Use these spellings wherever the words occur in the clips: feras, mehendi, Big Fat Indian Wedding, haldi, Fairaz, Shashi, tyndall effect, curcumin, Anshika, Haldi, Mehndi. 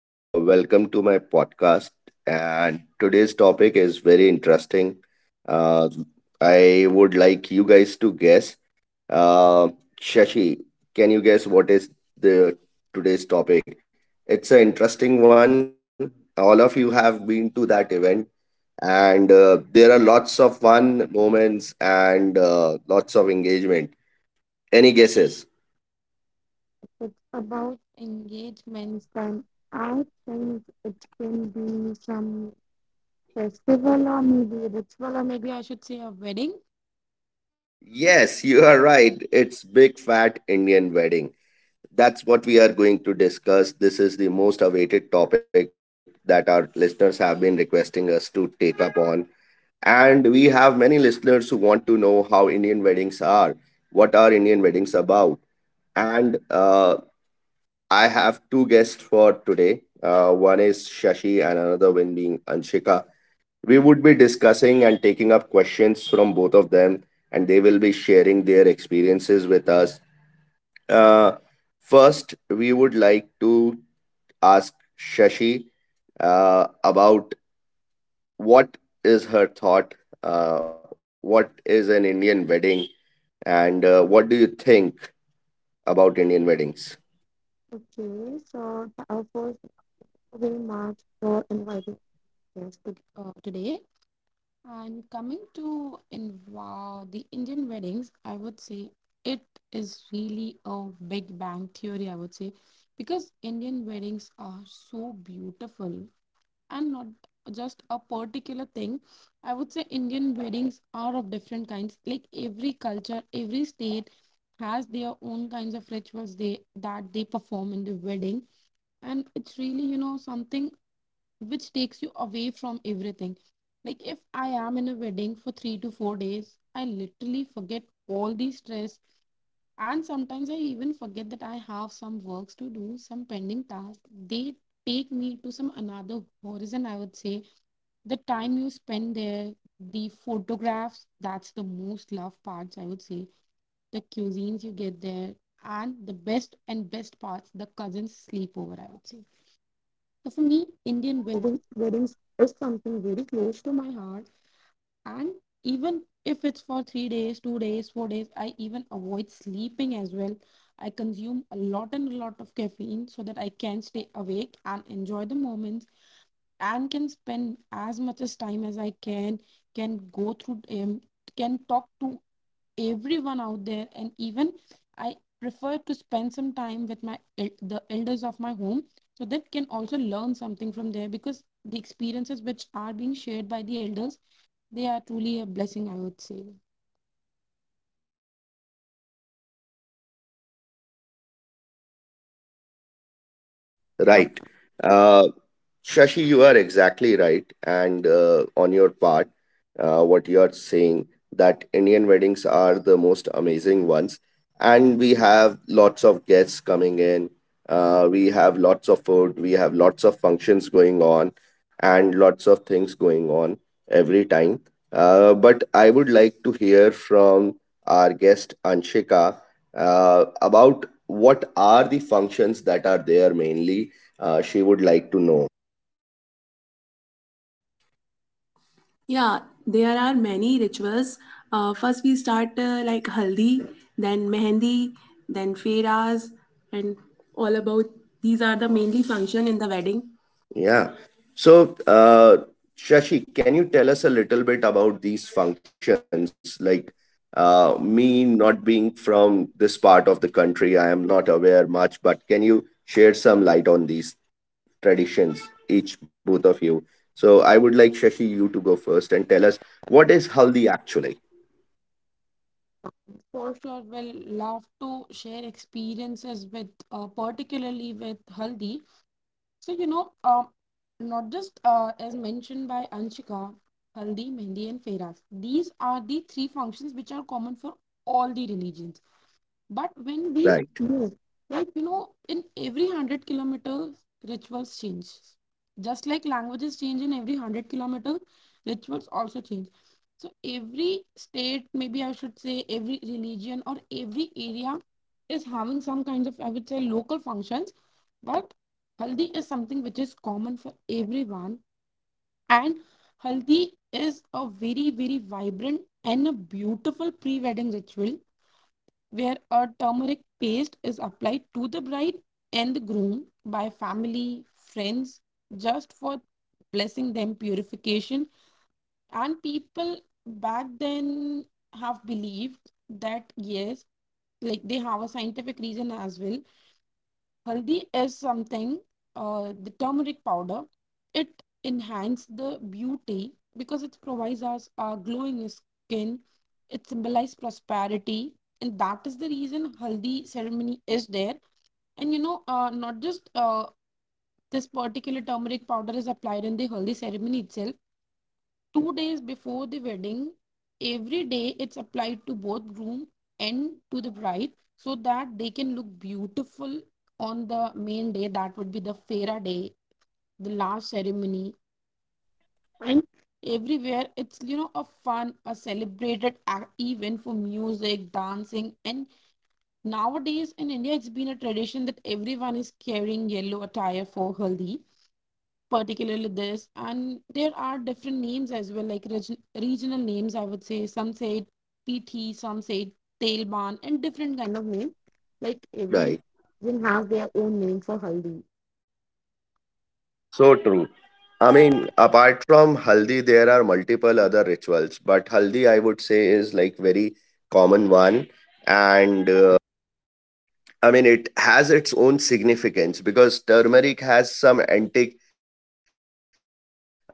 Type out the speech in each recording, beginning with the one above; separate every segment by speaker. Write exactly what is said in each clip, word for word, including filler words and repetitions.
Speaker 1: Uh, welcome to my podcast. And today's topic is very interesting. Uh, I would like you guys to guess. Uh, Shashi, can you guess what is the today's topic? It's an interesting one. All of you have been to that event, and uh, there are lots of fun moments and uh, lots of engagement. Any guesses?
Speaker 2: It's about engagements, and I think it can be some festival or maybe ritual or maybe I should say a wedding.
Speaker 1: Yes, you are right. It's Big Fat Indian Wedding. That's what we are going to discuss. This is the most awaited topic that our listeners have been requesting us to take up on. And we have many listeners who want to know how Indian weddings are. What are Indian weddings about? And uh, I have two guests for today. Uh, one is Shashi and another one being Anshika. We would be discussing and taking up questions from both of them, and they will be sharing their experiences with us. Uh, first, we would like to ask Shashi uh, about what is her thought, uh, what is an Indian wedding, and uh, what do you think about Indian weddings?
Speaker 2: Okay, so the- our first will mark for inviting guests to, uh, today. And coming to in wow, the Indian weddings, I would say it is really a Big Bang theory, I would say, because Indian weddings are so beautiful and not just a particular thing. I would say Indian weddings are of different kinds. Like every culture, every state has their own kinds of rituals they that they perform in the wedding. And it's really, you know, something which takes you away from everything. Like if I am in a wedding for three to four days, I literally forget all the stress. And sometimes I even forget that I have some works to do, some pending tasks. They take me to some another horizon, I would say the time you spend there, the photographs, that's the most loved parts, I would say. The cuisines you get there, and the best and best parts, the cousins sleepover, I would say. So for me, Indian wedding, weddings is something very close to my heart. And even if it's for three days, two days, four days, I even avoid sleeping as well. I consume a lot and a lot of caffeine so that I can stay awake and enjoy the moments and can spend as much as time as I can, can go through, um, can talk to everyone out there, and even I prefer to spend some time with my the elders of my home, so that can also learn something from there because the experiences which are being shared by the elders, they are truly a blessing, I would say.
Speaker 1: Right. Uh, Shashi, you are exactly right, and uh, on your part, uh, what you are saying that Indian weddings are the most amazing ones, and we have lots of guests coming in. Uh, we have lots of food, we have lots of functions going on, and lots of things going on every time. Uh, but I would like to hear from our guest Anshika uh, about what are the functions that are there mainly. Uh, she would like to know. Yeah, there are many rituals. Uh, first, we start uh, like haldi, then mehendi, then feras, and all about these are the mainly function in the wedding. Yeah. So, uh, Shashi, can you tell us a little bit about these functions? Like, uh, me not being from this part of the country, I am not aware much, but can you share some light on these traditions, each both of you? So, I would like Shashi, you to go first and tell us what is Haldi actually?
Speaker 2: For sure, will love to share experiences with, uh, particularly with Haldi. So you know, um, not just uh, as mentioned by Anshika, Haldi, Mehndi, and Fairaz. These are the three functions which are common for all the religions. But when we
Speaker 1: Right,
Speaker 2: move, like you know, in every hundred kilometers, rituals change. Just like languages change in every hundred kilometers, rituals also change. So every state, maybe I should say every religion or every area is having some kind of, I would say, local functions. But Haldi is something which is common for everyone. And Haldi is a very, very vibrant and a beautiful pre-wedding ritual where a turmeric paste is applied to the bride and the groom by family, friends, just for blessing them purification. And people back then have believed that yes, like they have a scientific reason as well. Haldi is something, uh, the turmeric powder. It enhances the beauty because it provides us a glowing skin. It symbolizes prosperity, and that is the reason Haldi ceremony is there. And you know, uh, not just uh, this particular turmeric powder is applied in the Haldi ceremony itself two days before the wedding. Every day it's applied to both groom and to the bride so that they can look beautiful on the main day, that would be the fera day, the last ceremony. And everywhere it's, you know, a fun, a celebrated event for music, dancing. And nowadays in India it's been a tradition that everyone is carrying yellow attire for Haldi particularly. This and there are different names as well, like regi- regional names, I would say. Some say it pt, some say it tailban and different kind of name, like every
Speaker 1: right.
Speaker 2: region have their own name for Haldi.
Speaker 1: So true. I mean, apart from Haldi, there are multiple other rituals, but Haldi, I would say, is like very common one. And uh, I mean, it has its own significance because turmeric has some anti, uh,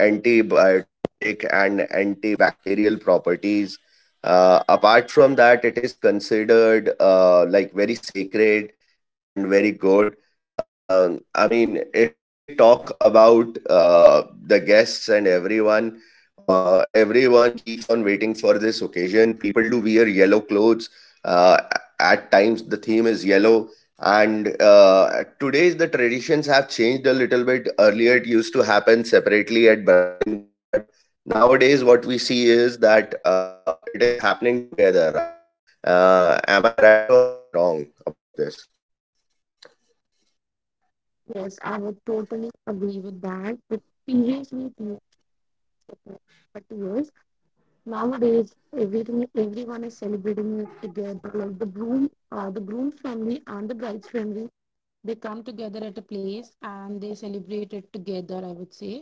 Speaker 1: antibiotic and antibacterial properties. Uh, apart from that, it is considered uh, like very sacred and very good. Uh, I mean, if we talk about uh, the guests and everyone, uh, everyone keeps on waiting for this occasion. People do wear yellow clothes. Uh, at times, the theme is yellow and uh, today's the traditions have changed a little bit earlier it used to happen separately at bride and groom but nowadays what we see is that uh, it is happening together right uh, am I right or am I wrong about this?
Speaker 2: Yes, I would totally agree with that, but previously it used to be, but years nowadays everything, everyone is celebrating it together, like the groom, uh, the groom's family and the bride's family, they come together at a place and they celebrate it together, I would say.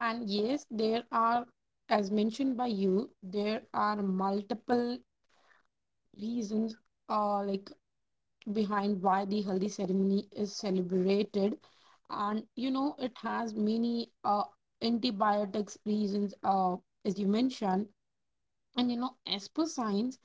Speaker 2: And yes, there are, as mentioned by you, there are multiple reasons uh, like behind why the Haldi ceremony is celebrated. And you know, it has many uh, antibiotics reasons, uh, as you mentioned. And you know, as
Speaker 1: Yeah.
Speaker 2: per science,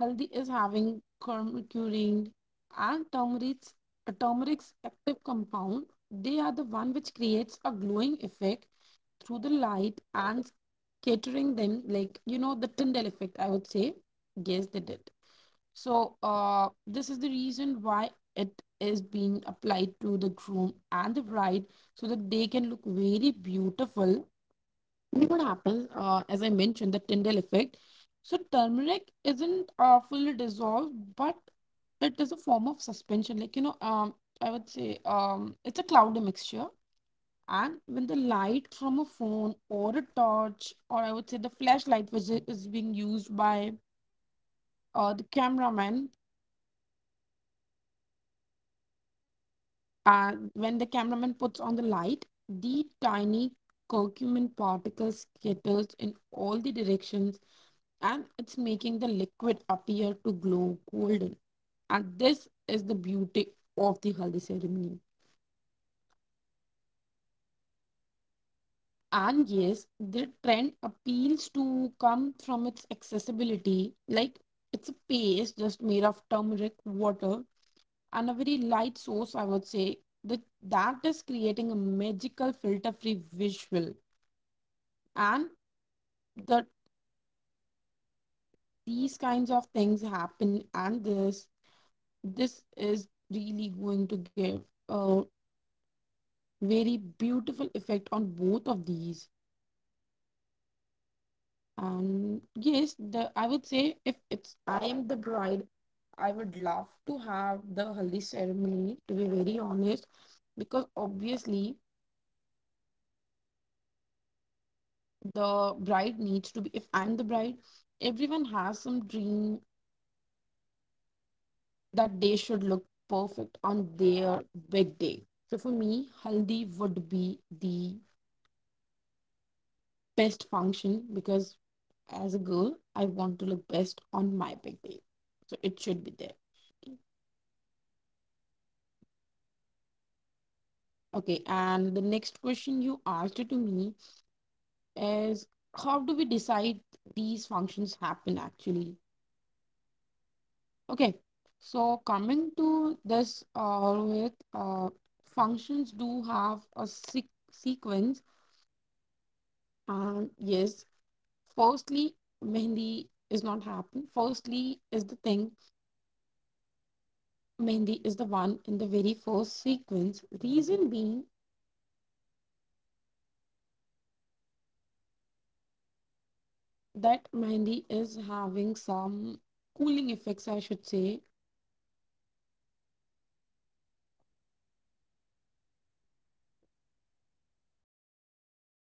Speaker 2: Haldi is having curcumin and turmeric's, turmeric's active compound. They are the one which creates a
Speaker 1: so
Speaker 2: glowing effect
Speaker 1: I I would
Speaker 2: through
Speaker 1: just
Speaker 2: the
Speaker 1: like
Speaker 2: light
Speaker 1: to
Speaker 2: and
Speaker 1: add something
Speaker 2: catering
Speaker 1: here
Speaker 2: them, like you know, the
Speaker 1: uh,
Speaker 2: Tyndall effect, I
Speaker 1: that
Speaker 2: would say.
Speaker 1: I mean
Speaker 2: Yes, they
Speaker 1: we
Speaker 2: did.
Speaker 1: can talk about
Speaker 2: So uh
Speaker 1: haldi, we can
Speaker 2: this is
Speaker 1: talk
Speaker 2: the
Speaker 1: about lot
Speaker 2: reason
Speaker 1: of
Speaker 2: why
Speaker 1: stuff, but
Speaker 2: it
Speaker 1: I
Speaker 2: is
Speaker 1: would
Speaker 2: being
Speaker 1: like to
Speaker 2: applied to the groom and the
Speaker 1: uh,
Speaker 2: bride so
Speaker 1: ask
Speaker 2: that they
Speaker 1: something
Speaker 2: can look
Speaker 1: here
Speaker 2: very
Speaker 1: uh,
Speaker 2: beautiful.
Speaker 1: and uh,
Speaker 2: You know
Speaker 1: would
Speaker 2: what
Speaker 1: like to
Speaker 2: happens,
Speaker 1: know
Speaker 2: uh, as I mentioned, the
Speaker 1: that.
Speaker 2: Tyndall effect. So turmeric isn't uh, fully dissolved, but it is a form of suspension, like you know, um I would say, um it's a cloudy mixture. And when the light from a phone or a torch, or I would say the flashlight, which i- is being used by uh, the cameraman, and when the cameraman puts on the light, the tiny curcumin particles scatters in all the directions, and it's making the liquid appear to glow golden. And this is the beauty of the Haldi ceremony. And yes, the trend appeals to come from its accessibility. Like it's a paste just made of turmeric, water, and a very light source, I would say. That that is creating a magical filter-free visual. And that
Speaker 1: So, uh,
Speaker 2: these
Speaker 1: guys,
Speaker 2: kinds
Speaker 1: my
Speaker 2: of
Speaker 1: next
Speaker 2: things
Speaker 1: question
Speaker 2: happen,
Speaker 1: is how
Speaker 2: and
Speaker 1: do we
Speaker 2: this
Speaker 1: decide when these
Speaker 2: this
Speaker 1: functions
Speaker 2: is
Speaker 1: actually happen?
Speaker 2: really going to
Speaker 1: So,
Speaker 2: give
Speaker 1: I would
Speaker 2: a
Speaker 1: like you to share some uh,
Speaker 2: very
Speaker 1: thoughts
Speaker 2: beautiful
Speaker 1: on that
Speaker 2: effect
Speaker 1: one.
Speaker 2: on both of these. Um, yes, the I would say if it's I am the bride, I would love to have the Haldi ceremony, to be very honest, because obviously the bride needs to be, if I'm the bride, everyone has some dream that they should look perfect on their big day. So for me, Haldi would be the best function because as a girl, I want to look best on my big day. So it should be there. Okay, and the next question you asked to me is how do we decide these functions happen actually? Okay, so coming to this uh, with uh, functions do have a se- sequence, and yes, firstly, Mehndi is not happen. Firstly is the thing Mehndi is the one in the very first sequence. Reason being that Mehndi is having some cooling effects, I should say,